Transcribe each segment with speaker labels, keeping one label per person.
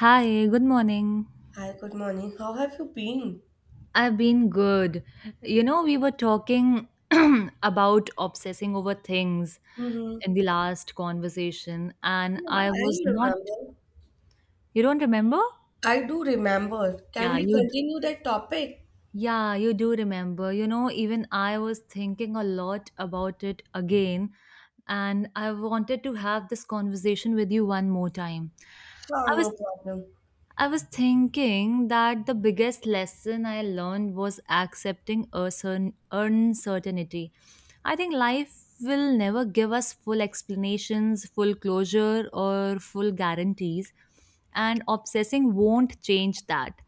Speaker 1: Hi, good morning.
Speaker 2: Hi, good morning. How have you been?
Speaker 1: I've been good. You know, we were talking about obsessing over things
Speaker 2: Mm-hmm.
Speaker 1: in the last conversation, and
Speaker 2: Yeah,
Speaker 1: I
Speaker 2: I
Speaker 1: was not.
Speaker 2: remember.
Speaker 1: You don't remember?
Speaker 2: I do remember. Can
Speaker 1: Yeah,
Speaker 2: we
Speaker 1: you. d-
Speaker 2: continue that topic?
Speaker 1: Yeah, you do remember. You know, even I was thinking a lot about it again, and I wanted to have this conversation with you one more time.
Speaker 2: Sure,
Speaker 1: I was
Speaker 2: no problem.
Speaker 1: I was thinking that the biggest lesson I learned was accepting a certain uncertainty. I think life will never give us full explanations, full closure, or full guarantees, and obsessing won't change that.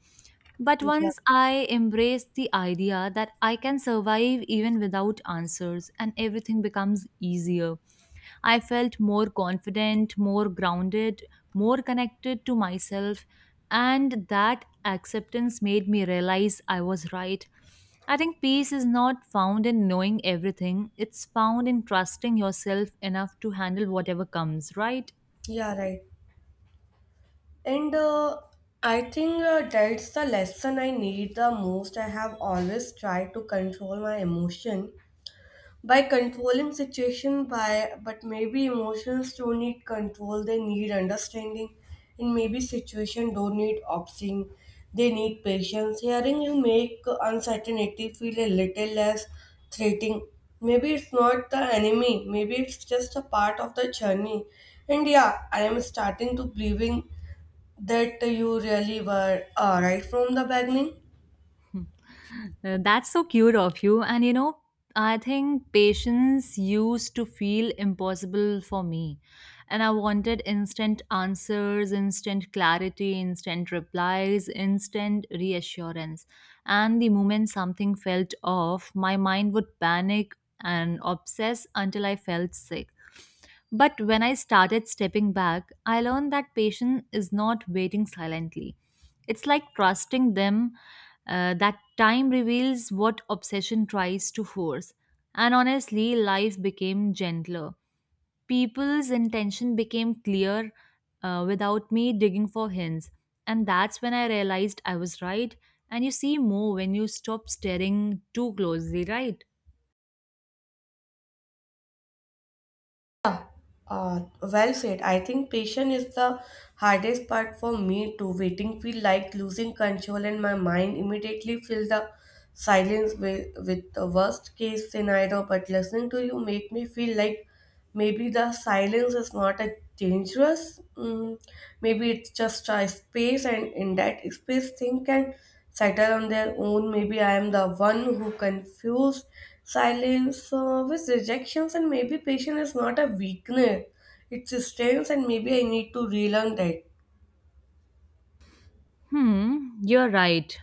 Speaker 1: But
Speaker 2: Yeah,
Speaker 1: once I embraced the idea that I can survive even without answers and everything becomes easier, I felt more confident, more grounded, more connected to myself, and that acceptance made me realize I was right. I think peace is not found in knowing everything, it's found in trusting yourself enough to handle whatever comes, right?
Speaker 2: yeah, right. And I think that's the lesson I need the most. I have always tried to control my emotion, by controlling situation by but maybe emotions don't need control, they need understanding, and maybe situation don't need opting, they need patience. Hearing you make uncertainty feel a little less threatening. Maybe it's not the enemy, maybe it's just a part of the journey. And yeah, I am starting to believing that you really were right from the beginning.
Speaker 1: That's so cute of you. And you know, I think patience used to feel impossible for me. And I wanted instant answers, instant clarity, instant replies, instant reassurance. And the moment something felt off, my mind would panic and obsess until I felt sick. But when I started stepping back, I learned that patience is not waiting silently. It's like trusting them that time reveals what obsession tries to force. And honestly, life became gentler. People's intention became clear without me digging for hints. And that's when I realized I was right. And you see more when you stop staring too closely, right?
Speaker 2: Well said. I think patience is the hardest part for me too. Waiting feel like losing control and my mind immediately fill the silence with the worst case scenario. But listening to you make me feel like maybe the silence is not a dangerous. Maybe it's just a space and in that space thing can settle on their own. Maybe I am the one who confused silence with rejections, and maybe patience is not a weakness, it's a strength, and maybe I need to relearn that.
Speaker 1: Hmm, you're right.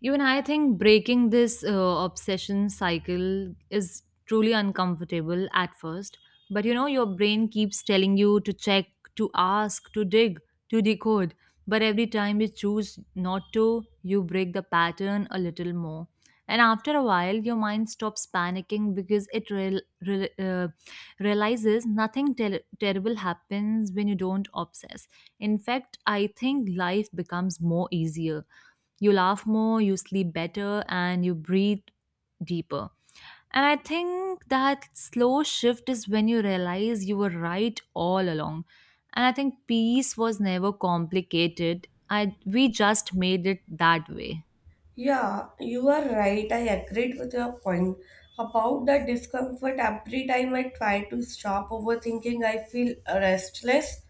Speaker 1: Even I think breaking this obsession cycle is truly uncomfortable at first. But you know, your brain keeps telling you to check, to ask, to dig, to decode. But every time you choose not to, you break the pattern a little more. And after a while, your mind stops panicking because it realizes nothing terrible happens when you don't obsess in fact, I think life becomes more easier. You laugh more, you sleep better, and you breathe deeper. And I think that slow shift is when you realize you were right all along. And I think peace was never complicated. I We just made it that way.
Speaker 2: Yeah, you are right. I agreed with your point about the discomfort. Every time I try to stop overthinking, I feel restless,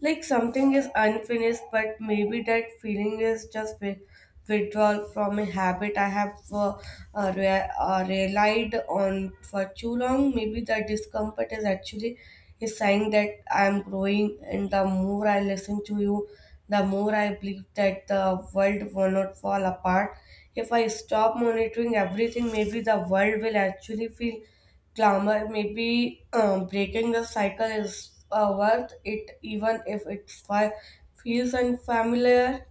Speaker 2: like something is unfinished, but maybe that feeling is just withdrawal from a habit I have relied on for too long. Maybe the discomfort is actually a sign that I am growing, and the more I listen to you, the more I believe that the world will not fall apart. If I stop monitoring everything, maybe the world will actually feel calmer. Maybe breaking the cycle is worth it, even if it feels unfamiliar.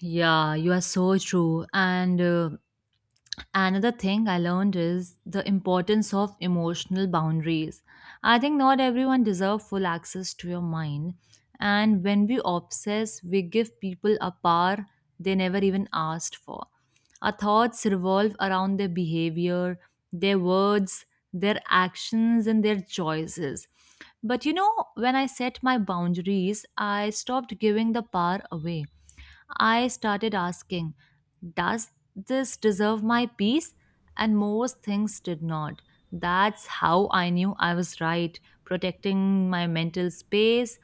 Speaker 1: Yeah, you are so true. And Another thing I learned is the importance of emotional boundaries. I think not everyone deserves full access to your mind, and when we obsess, we give people a power they never even asked for. Our thoughts revolve around their behavior, their words, their actions, and their choices. But you know, when I set my boundaries, I stopped giving the power away. I started asking, does this deserve my peace? And most things did not. That's how I knew I was right, protecting my mental space.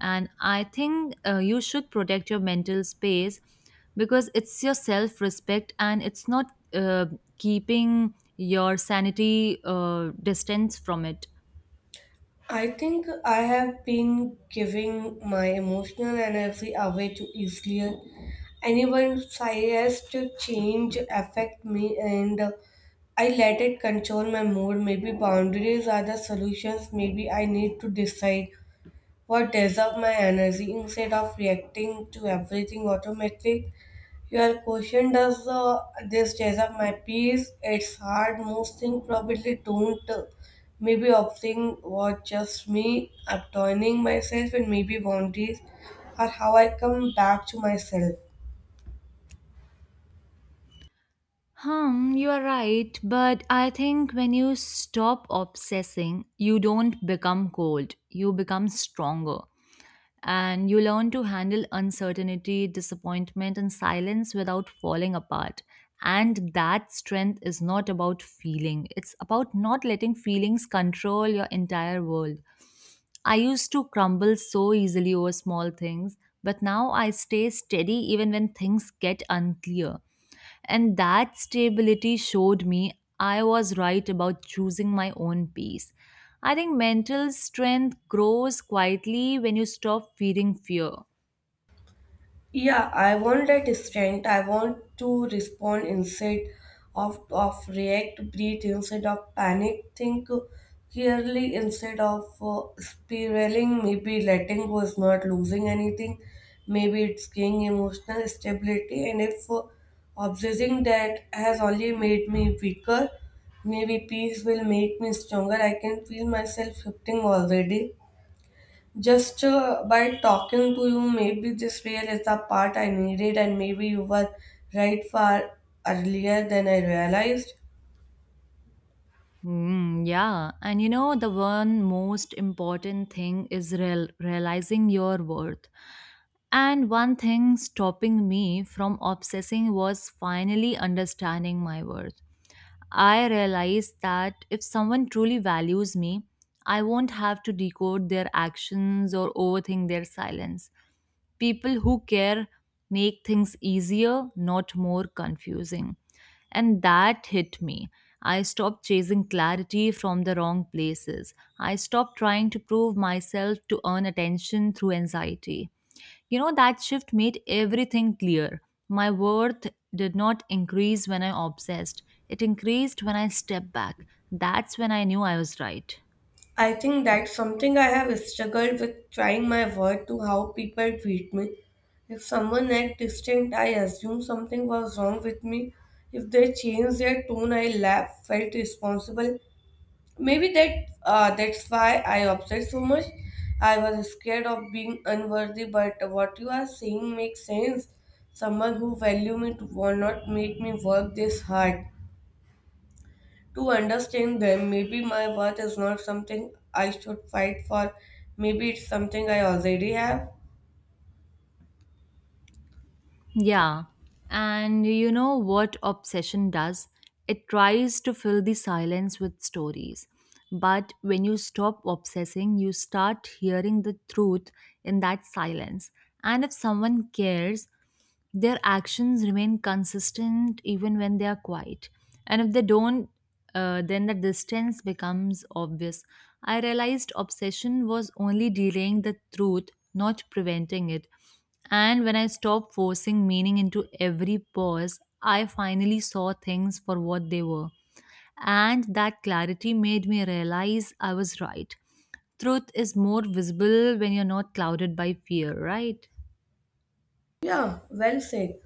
Speaker 1: And I think you should protect your mental space because it's your self respect and it's not uh, keeping your sanity distance from it.
Speaker 2: I think I have been giving my emotional energy away too easily. Anyone slightest change affect me and I let it control my mood. Maybe boundaries are the solutions. Maybe I need to decide what deserves my energy instead of reacting to everything automatically. Your question does this chase up my peace? It's hard. Most things probably don't. Maybe opting was just me, abandoning myself, and maybe boundaries are how I come back to myself.
Speaker 1: Hmm, you are right, but I think when you stop obsessing, you don't become cold, you become stronger. And you learn to handle uncertainty, disappointment, and silence without falling apart. And that strength is not about feeling, it's about not letting feelings control your entire world. I used to crumble so easily over small things, but now I stay steady even when things get unclear. And that stability showed me I was right about choosing my own peace. I think mental strength grows quietly when you stop fearing fear.
Speaker 2: Yeah, I want that strength. I want to respond instead of react, breathe instead of panic, think clearly instead of spiraling. Maybe letting go is not losing anything. Maybe it's gaining emotional stability. And if obsessing that has only made me weaker, maybe peace will make me stronger. I can feel myself shifting already. Just by talking to you, maybe this real is the part I needed, and maybe you were right far earlier than I realized.
Speaker 1: Mm, yeah, and you know, the one most important thing is realizing your worth. And one thing stopping me from obsessing was finally understanding my worth. I realized that if someone truly values me, I won't have to decode their actions or overthink their silence. People who care make things easier, not more confusing. And that hit me. I stopped chasing clarity from the wrong places. I stopped trying to prove myself to earn attention through anxiety. You know, that shift made everything clear. My worth did not increase when I obsessed, it increased when I stepped back. That's when I knew I was right.
Speaker 2: I think that's something I have struggled with, trying my word to how people treat me. If someone act distant, I assume something was wrong with me. If they change their tone, I laugh, felt responsible. Maybe that That's why I obsessed so much. I was scared of being unworthy, but what you are saying makes sense. Someone who value me to will not make me work this hard to understand them. Maybe my worth is not something I should fight for. Maybe it's something I already have.
Speaker 1: Yeah. And you know what obsession does? It tries to fill the silence with stories. But when you stop obsessing, you start hearing the truth in that silence. And if someone cares, their actions remain consistent even when they are quiet. And if they don't, then the distance becomes obvious. I realized obsession was only delaying the truth, not preventing it. And when I stopped forcing meaning into every pause, I finally saw things for what they were. And that clarity made me realize I was right. Truth is more visible when you're not clouded by fear, right?
Speaker 2: Yeah, well said.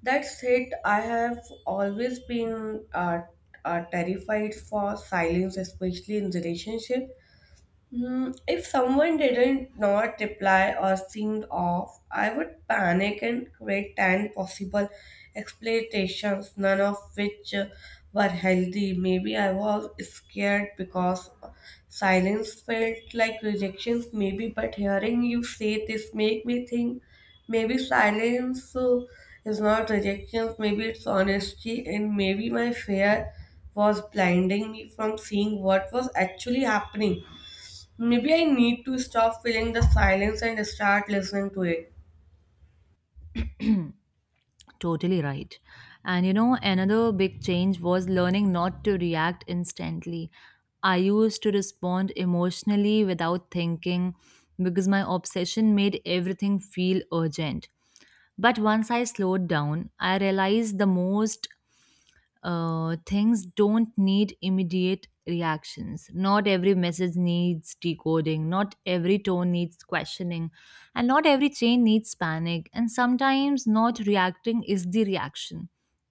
Speaker 2: That's it. I have always been terrified for silence, especially in relationship. Hmm. If someone didn't not reply or seemed off, I would panic and create 10 possible explanations, none of which were healthy. Maybe I was scared because silence felt like rejections, maybe, but hearing you say this make me think maybe silence is not rejections, maybe it's honesty, and maybe my fear was blinding me from seeing what was actually happening. Maybe I need to stop feeling the silence and start listening to it.
Speaker 1: Totally right. And you know, another big change was learning not to react instantly. I used to respond emotionally without thinking because my obsession made everything feel urgent. But once I slowed down, I realized the most things don't need immediate reactions. Not every message needs decoding, not every tone needs questioning, and not every chain needs panic. And sometimes not reacting is the reaction,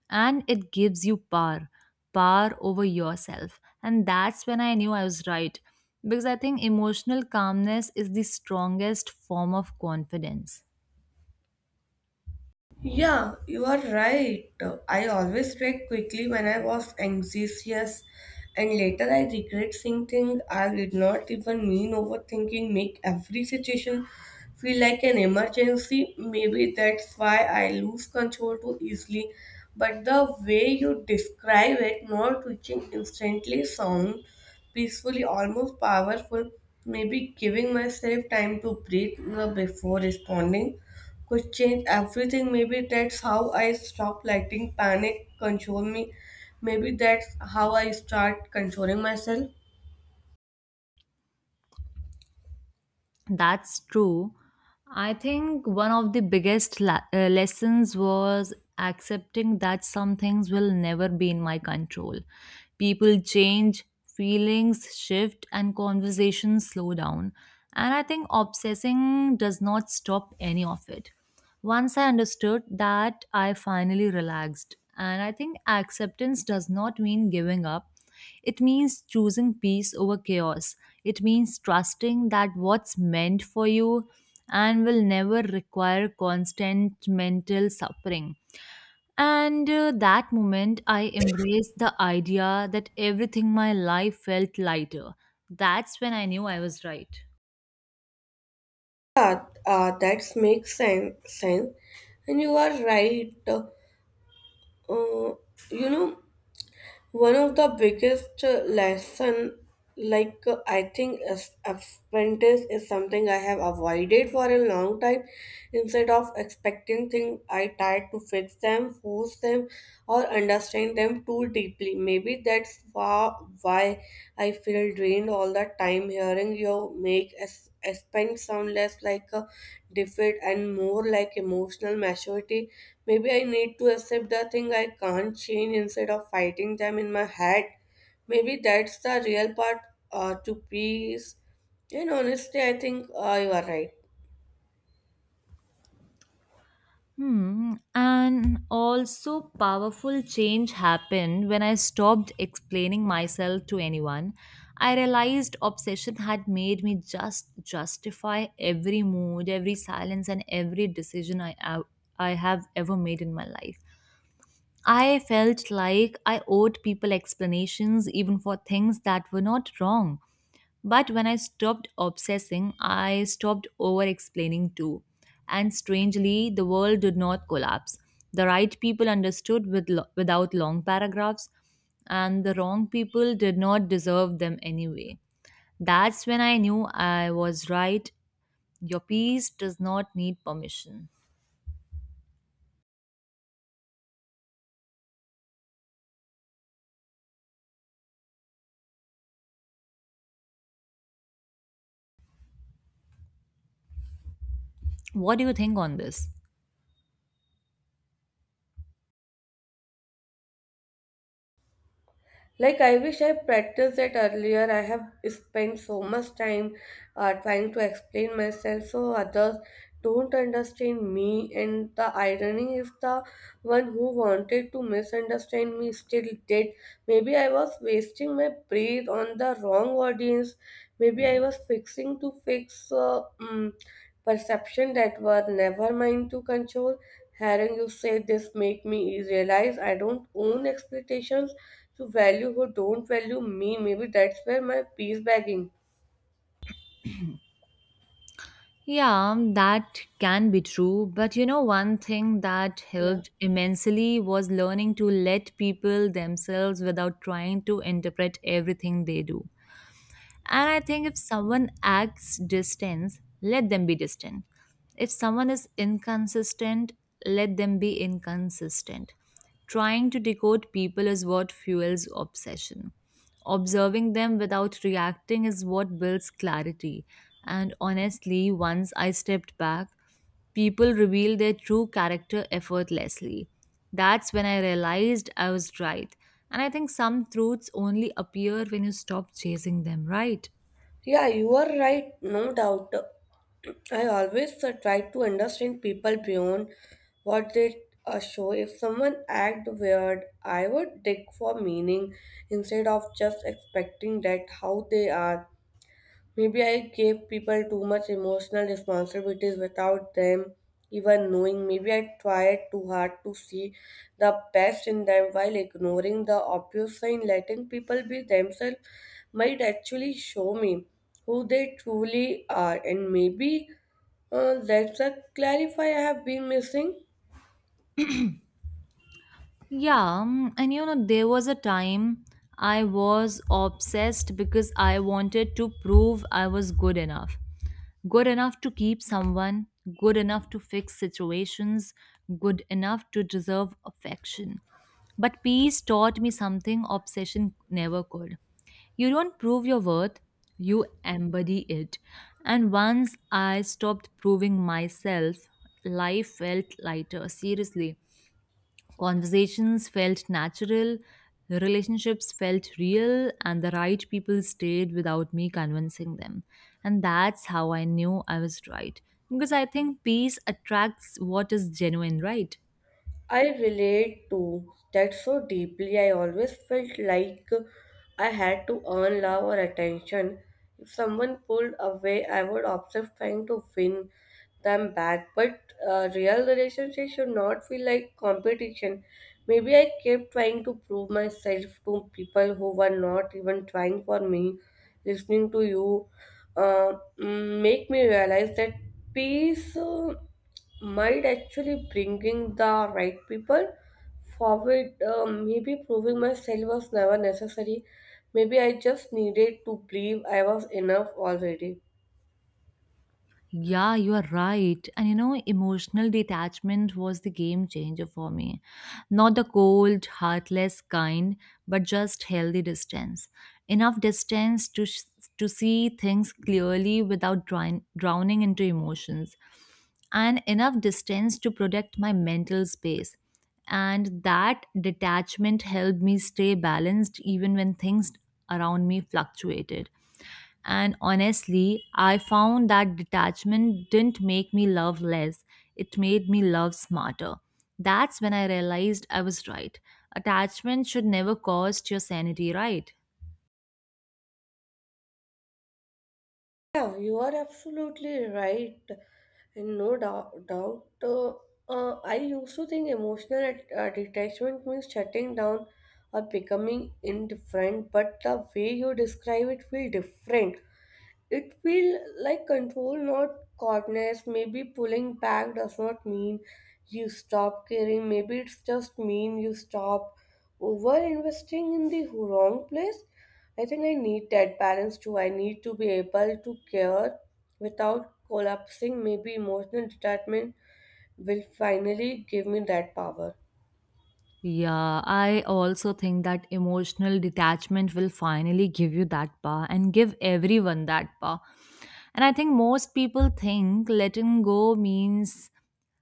Speaker 1: and it gives you power over yourself. And that's when I knew I was right because I think emotional calmness is the strongest form of confidence.
Speaker 2: Yeah, you are right. I always react quickly when I was anxious, and later I regret saying things I did not even mean. Overthinking make every situation feel like an emergency. Maybe that's why I lose control too easily. But the way you describe it, not reaching instantly, sound peacefully, almost powerful. Maybe giving myself time to breathe before responding could change everything. Maybe that's how I stop letting panic control me. Maybe that's how I start controlling myself.
Speaker 1: That's true. I think one of the biggest lessons was accepting that some things will never be in my control. People change, feelings shift, and conversations slow down. And I think obsessing does not stop any of it. Once I understood that, I finally relaxed. And I think acceptance does not mean giving up. It means choosing peace over chaos. It means trusting that what's meant for you and will never require constant mental suffering. And that moment, I embraced the idea that everything my life felt lighter. That's when I knew I was right.
Speaker 2: Yeah, that makes sense. And you are right. Uh, you know, one of the biggest lesson, I think, as apprentice is something I have avoided for a long time. Instead of expecting things, I tried to fix them, force them, or understand them too deeply. Maybe that's why I feel drained all the time. Hearing you make Aspen sound less like a defeat and more like emotional maturity. Maybe I need to accept the thing I can't change instead of fighting them in my head. Maybe that's the real part to peace. And honestly, I think you are right.
Speaker 1: Hmm. And also, powerful change happened when I stopped explaining myself to anyone. I realized obsession had made me just justify every mood, every silence, and every decision I have ever made in my life. I felt like I owed people explanations even for things that were not wrong. But when I stopped obsessing, I stopped over explaining too. And strangely, the world did not collapse. The right people understood with without long paragraphs, and the wrong people did not deserve them anyway. That's when I knew I was right. Your piece does not need permission. What do you think on this?
Speaker 2: Like, I wish I practiced that earlier. I have spent so much time trying to explain myself so others don't understand me. And the irony is, the one who wanted to misunderstand me still did. Maybe I was wasting my breath on the wrong audience. Maybe I was fixing to fix perception that was never mine to control. Hearing you say this make me realize I don't own expectations to value who don't value me. Maybe that's where my peace begging.
Speaker 1: Yeah, that can be true. But you know, one thing that
Speaker 2: Yeah.
Speaker 1: helped immensely was learning to let people themselves without trying to interpret everything they do. And I think if someone acts distant, let them be distant. If someone is inconsistent, let them be inconsistent. Trying to decode people is what fuels obsession. Observing them without reacting is what builds clarity. And honestly, once I stepped back, people reveal their true character effortlessly. That's when I realized I was right. And I think some truths only appear when you stop chasing them, right?
Speaker 2: Yeah, you are right, no doubt. I always try to understand people beyond what they show. If someone act weird, I would dig for meaning instead of just expecting that how they are. Maybe I gave people too much emotional responsibilities without them even knowing. Maybe I tried too hard to see the best in them while ignoring the obvious sign. Letting people be themselves might actually show me who they truly are, and maybe that's a clarify I have been missing.
Speaker 1: Yeah, and you know, there was a time I was obsessed because I wanted to prove I was good enough. Good enough to keep someone, good enough to fix situations, good enough to deserve affection. But peace taught me something obsession never could. You don't prove your worth, you embody it. And once I stopped proving myself, life felt lighter, seriously. Conversations felt natural, relationships felt real, and the right people stayed without me convincing them. And that's how I knew I was right. Because I think peace attracts what is genuine, right?
Speaker 2: I relate to that so deeply. I always felt like I had to earn love or attention. If someone pulled away, I would obsess trying to win them back. But real relationships should not feel like competition. Maybe I kept trying to prove myself to people who were not even trying for me. Listening to you make me realize that peace might actually bringing the right people forward. Maybe proving myself was never necessary. Maybe I just needed to believe I was enough already.
Speaker 1: Yeah, you are right. And you know, emotional detachment was the game changer for me. Not the cold, heartless kind, but just healthy distance. Enough distance to to see things clearly without drowning into emotions, and enough distance to protect my mental space. And that detachment helped me stay balanced even when things around me fluctuated. And honestly, I found that detachment didn't make me love less, it made me love smarter. That's when I realized I was right. Attachment should never cost your sanity, right?
Speaker 2: Yeah, you are absolutely right, and no doubt. I used to think emotional detachment means shutting down or becoming indifferent, but the way you describe it feel different. It feels like control, not coldness. Maybe pulling back does not mean you stop caring. Maybe it's just mean you stop over investing in the wrong place. I think I need that balance too. I need to be able to care without collapsing. Maybe emotional detachment will finally give me that power.
Speaker 1: Yeah, I also think that emotional detachment will finally give you that power and give everyone that power. And I think most people think letting go means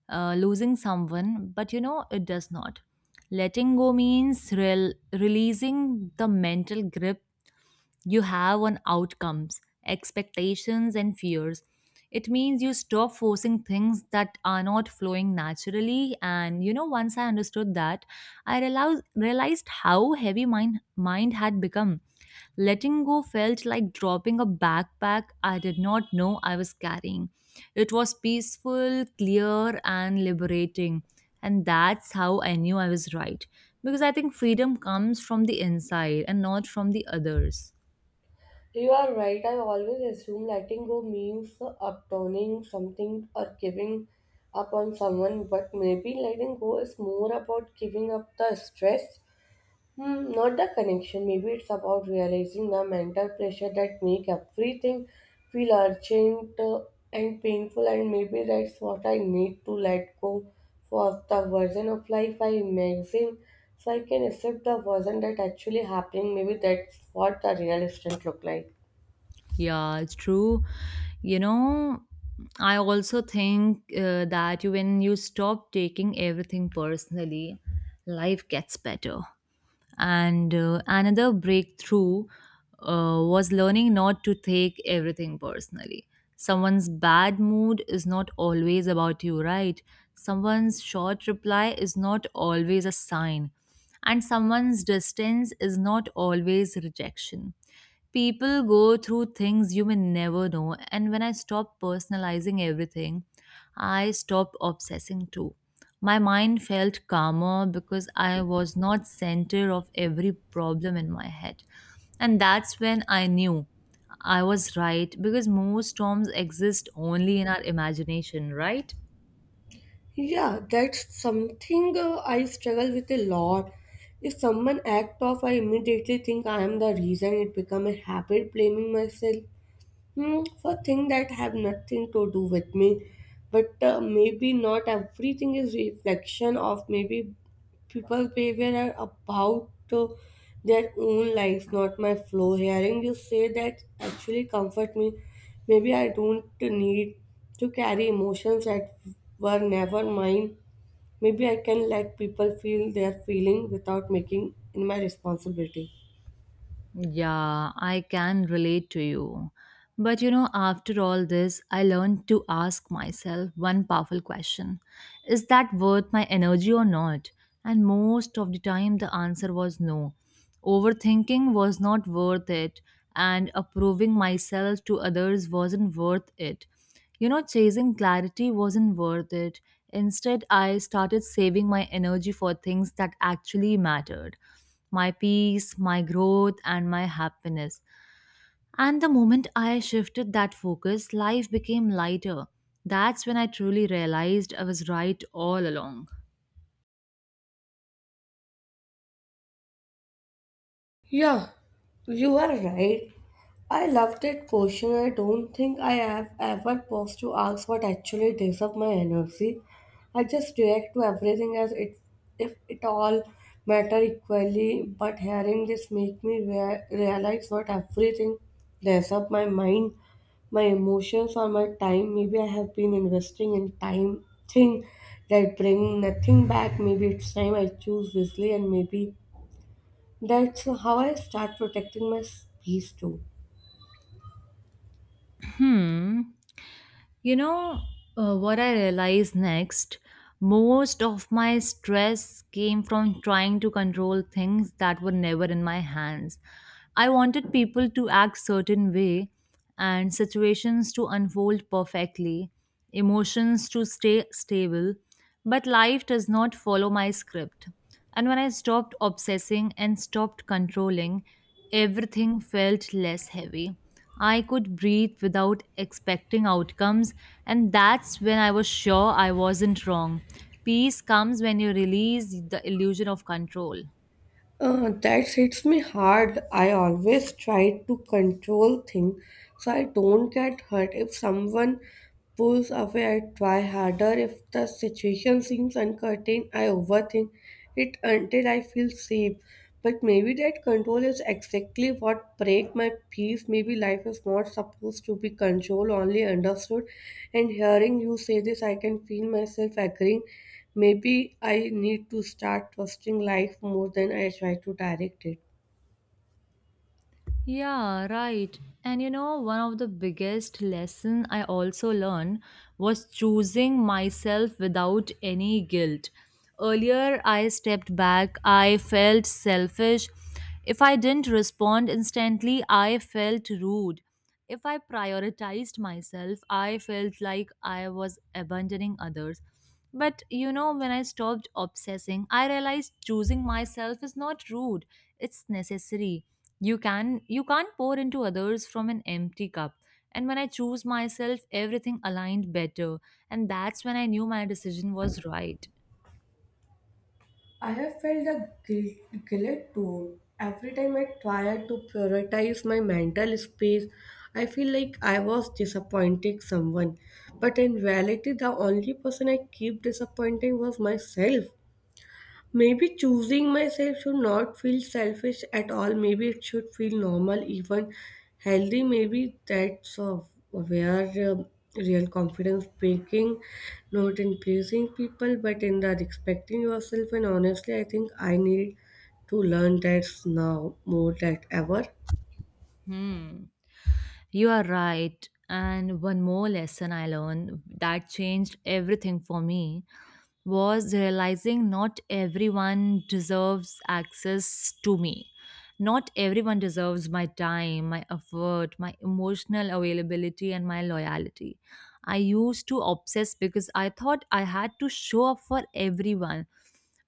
Speaker 1: losing someone, but you know, it does not. Letting go means releasing the mental grip you have on outcomes, expectations, and fears. It means you stop forcing things that are not flowing naturally. And you know, once I understood that, realized how heavy my mind had become. Letting go felt like dropping a backpack I did not know I was carrying. It was peaceful, clear, and liberating. And that's how I knew I was right. Because I think freedom comes from the inside and not from the others.
Speaker 2: You are right. I always assume letting go means abandoning something or giving up on someone, but maybe letting go is more about giving up the stress, hmm, not the connection. Maybe it's about realizing the mental pressure that make everything feel urgent and painful, and maybe that's what I need to let go for the version of life I imagine. So I can accept the version that actually happening. Maybe that's what the real instant look like.
Speaker 1: Yeah, it's true. You know, I also think that when you stop taking everything personally, life gets better. And Another breakthrough was learning not to take everything personally. Someone's bad mood is not always about you, right? Someone's short reply is not always a sign. And someone's distance is not always rejection. People go through things you may never know, and when I stopped personalizing everything, I stopped obsessing too. My mind felt calmer because I was not center of every problem in my head. And that's when I knew I was right, because most storms exist only in our imagination, right?
Speaker 2: Yeah, that's something I struggle with a lot. If someone act off, I immediately think I am the reason it become a habit, blaming myself. Hmm, for things that have nothing to do with me, but maybe not everything is reflection of maybe people's behavior are about their own lives, not my flow. Hearing you say that actually comfort me. Maybe I don't need to carry emotions that were never mine. Maybe I can let people feel their feeling without making in my responsibility.
Speaker 1: Yeah, I can relate to you. But you know, after all this, I learned to ask myself one powerful question. Is that worth my energy or not? And most of the time, the answer was no. Overthinking was not worth it, and approving myself to others wasn't worth it. You know, chasing clarity wasn't worth it. Instead, I started saving my energy for things that actually mattered: my peace, my growth, and my happiness. And the moment I shifted that focus, life became lighter. That's when I truly realized I was right all along.
Speaker 2: Yeah, you are right. I love that question. I don't think I have ever paused to ask what actually takes up my energy. I just react to everything as it, if it all matter equally. But hearing this make me realize not everything takes up my mind, my emotions, or my time. Maybe I have been investing in time thing that bring nothing back. Maybe it's time I choose wisely, and maybe that's how I start protecting my peace too.
Speaker 1: Hmm. You know what I realized next? Most of my stress came from trying to control things that were never in my hands. I wanted people to act certain way, and situations to unfold perfectly, emotions to stay stable, but life does not follow my script. And when I stopped obsessing and stopped controlling, everything felt less heavy. I could breathe without expecting outcomes, and that's when I was sure I wasn't wrong. Peace comes when you release the illusion of control.
Speaker 2: That hits me hard. I always try to control things so I don't get hurt. If someone pulls away, I try harder. If the situation seems uncertain, I overthink it until I feel safe. But maybe that control is exactly what break my peace. Maybe life is not supposed to be controlled, only understood. And hearing you say this, I can feel myself agreeing. Maybe I need to start trusting life more than I try to direct it.
Speaker 1: Yeah, right. And you know, one of the biggest lesson I also learned was choosing myself without any guilt. Earlier, I stepped back. I felt selfish. If I didn't respond instantly, I felt rude. If I prioritized myself, I felt like I was abandoning others. But you know, when I stopped obsessing, I realized choosing myself is not rude, it's necessary. You can't pour into others from an empty cup. And when I choose myself, everything aligned better. And that's when I knew my decision was right.
Speaker 2: I have felt the guilt too. Every time I tried to prioritize my mental space, I feel like I was disappointing someone. But in reality, the only person I keep disappointing was myself. Maybe choosing myself should not feel selfish at all. Maybe it should feel normal, even healthy. Maybe that's of where real confidence breaking, not in pleasing people, but in the respecting yourself. And honestly, I think I need to learn that now more than ever.
Speaker 1: Hmm. You are right. And one more lesson I learned that changed everything for me was realizing not everyone deserves access to me. Not everyone deserves my time, my effort, my emotional availability, and my loyalty. I used to obsess because I thought I had to show up for everyone.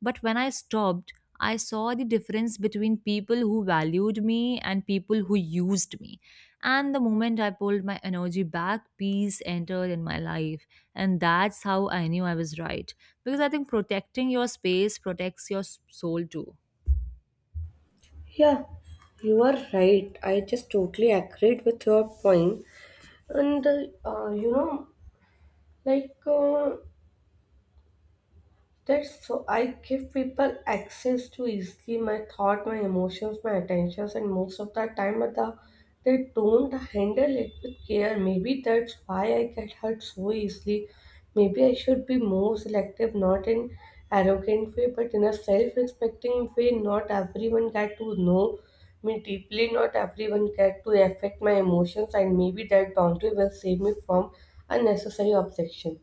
Speaker 1: But when I stopped, I saw the difference between people who valued me and people who used me. And the moment I pulled my energy back, peace entered in my life. And that's how I knew I was right. Because I think protecting your space protects your soul too.
Speaker 2: Yeah, you are right. I just totally agreed with your point. And You know, like uh, that's so I give people access to easily my thought, my emotions, my attentions, and most of the time at the they don't handle it with care. Maybe that's why I get hurt so easily. Maybe I should be more selective, not in arrogant way, but in a self-respecting way. Not everyone get to know me deeply. Not everyone get to affect my emotions, and maybe that boundary will save me from unnecessary objection.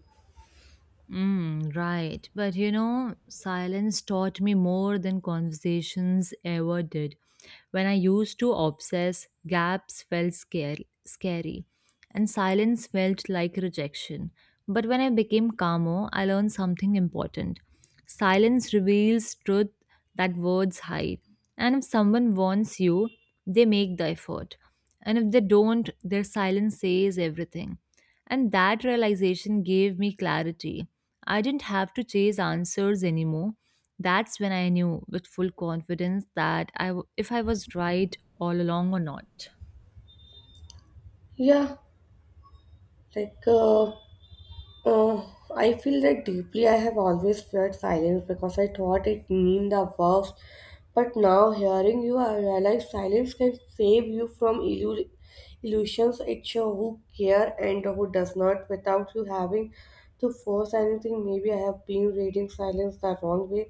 Speaker 1: Mm, right. But you know, silence taught me more than conversations ever did. When I used to obsess, gaps felt scary, and silence felt like rejection. But when I became calmer, I learned something important. Silence reveals truth that words hide. And if someone wants you, they make the effort. And if they don't, their silence says everything. And that realization gave me clarity. I didn't have to chase answers anymore. That's when I knew with full confidence that if I was right all along or not.
Speaker 2: Yeah, like. Oh, I feel that deeply. I have always feared silence because I thought it meant the worst. But now, hearing you, I realize silence can save you from illusions. It shows who care and who does not without you having to force anything. Maybe I have been reading silence the wrong way.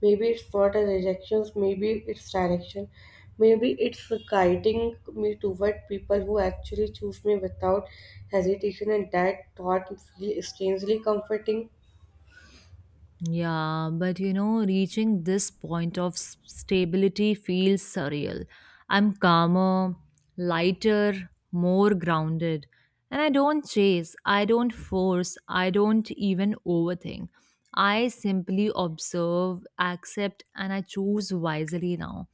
Speaker 2: Maybe it's not a rejection, maybe it's direction. Maybe it's guiding me toward people who actually choose me without hesitation, and that thought feels strangely comforting.
Speaker 1: Yeah, but you know, reaching this point of stability feels surreal. I'm calmer, lighter, more grounded. And I don't chase, I don't force, I don't even overthink. I simply observe, accept, and I choose wisely now.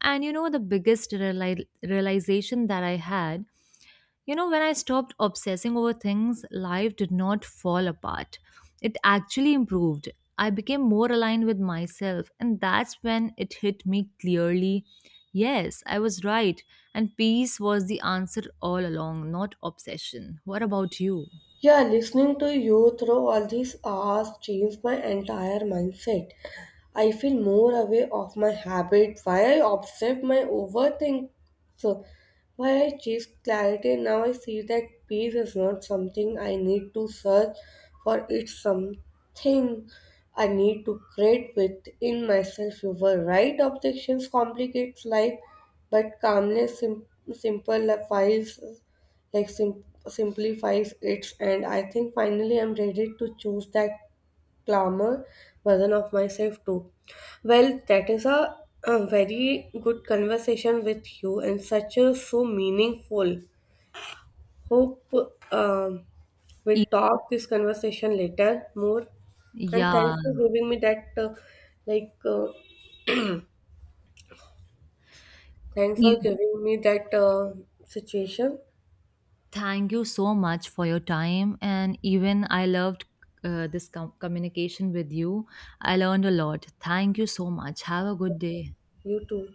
Speaker 1: And you know, the biggest realization that I had, you know, when I stopped obsessing over things, life did not fall apart. It actually improved. I became more aligned with myself, and that's when it hit me clearly. Yes, I was right, and peace was the answer all along, not obsession. What about you?
Speaker 2: Yeah, listening to you through all these hours changed my entire mindset. I feel more aware of my habit, why I observe my overthink, so why I chase clarity. Now I see that peace is not something I need to search for, it's something I need to create within myself. You were right, objections complicates life, but calmness, simple files like simplifies it. And I think finally I'm ready to choose that glamour version of myself too. Well, that is a very good conversation with you and such a so meaningful. Hope um, we'll
Speaker 1: E-
Speaker 2: talk this conversation later more. And
Speaker 1: Yeah,
Speaker 2: thanks for giving me that like uh, thanks for
Speaker 1: e-
Speaker 2: giving me that situation.
Speaker 1: thank you so much for your time, and even I loved this communication with you. I learned a lot. Thank you so much. Have a good day.
Speaker 2: You too.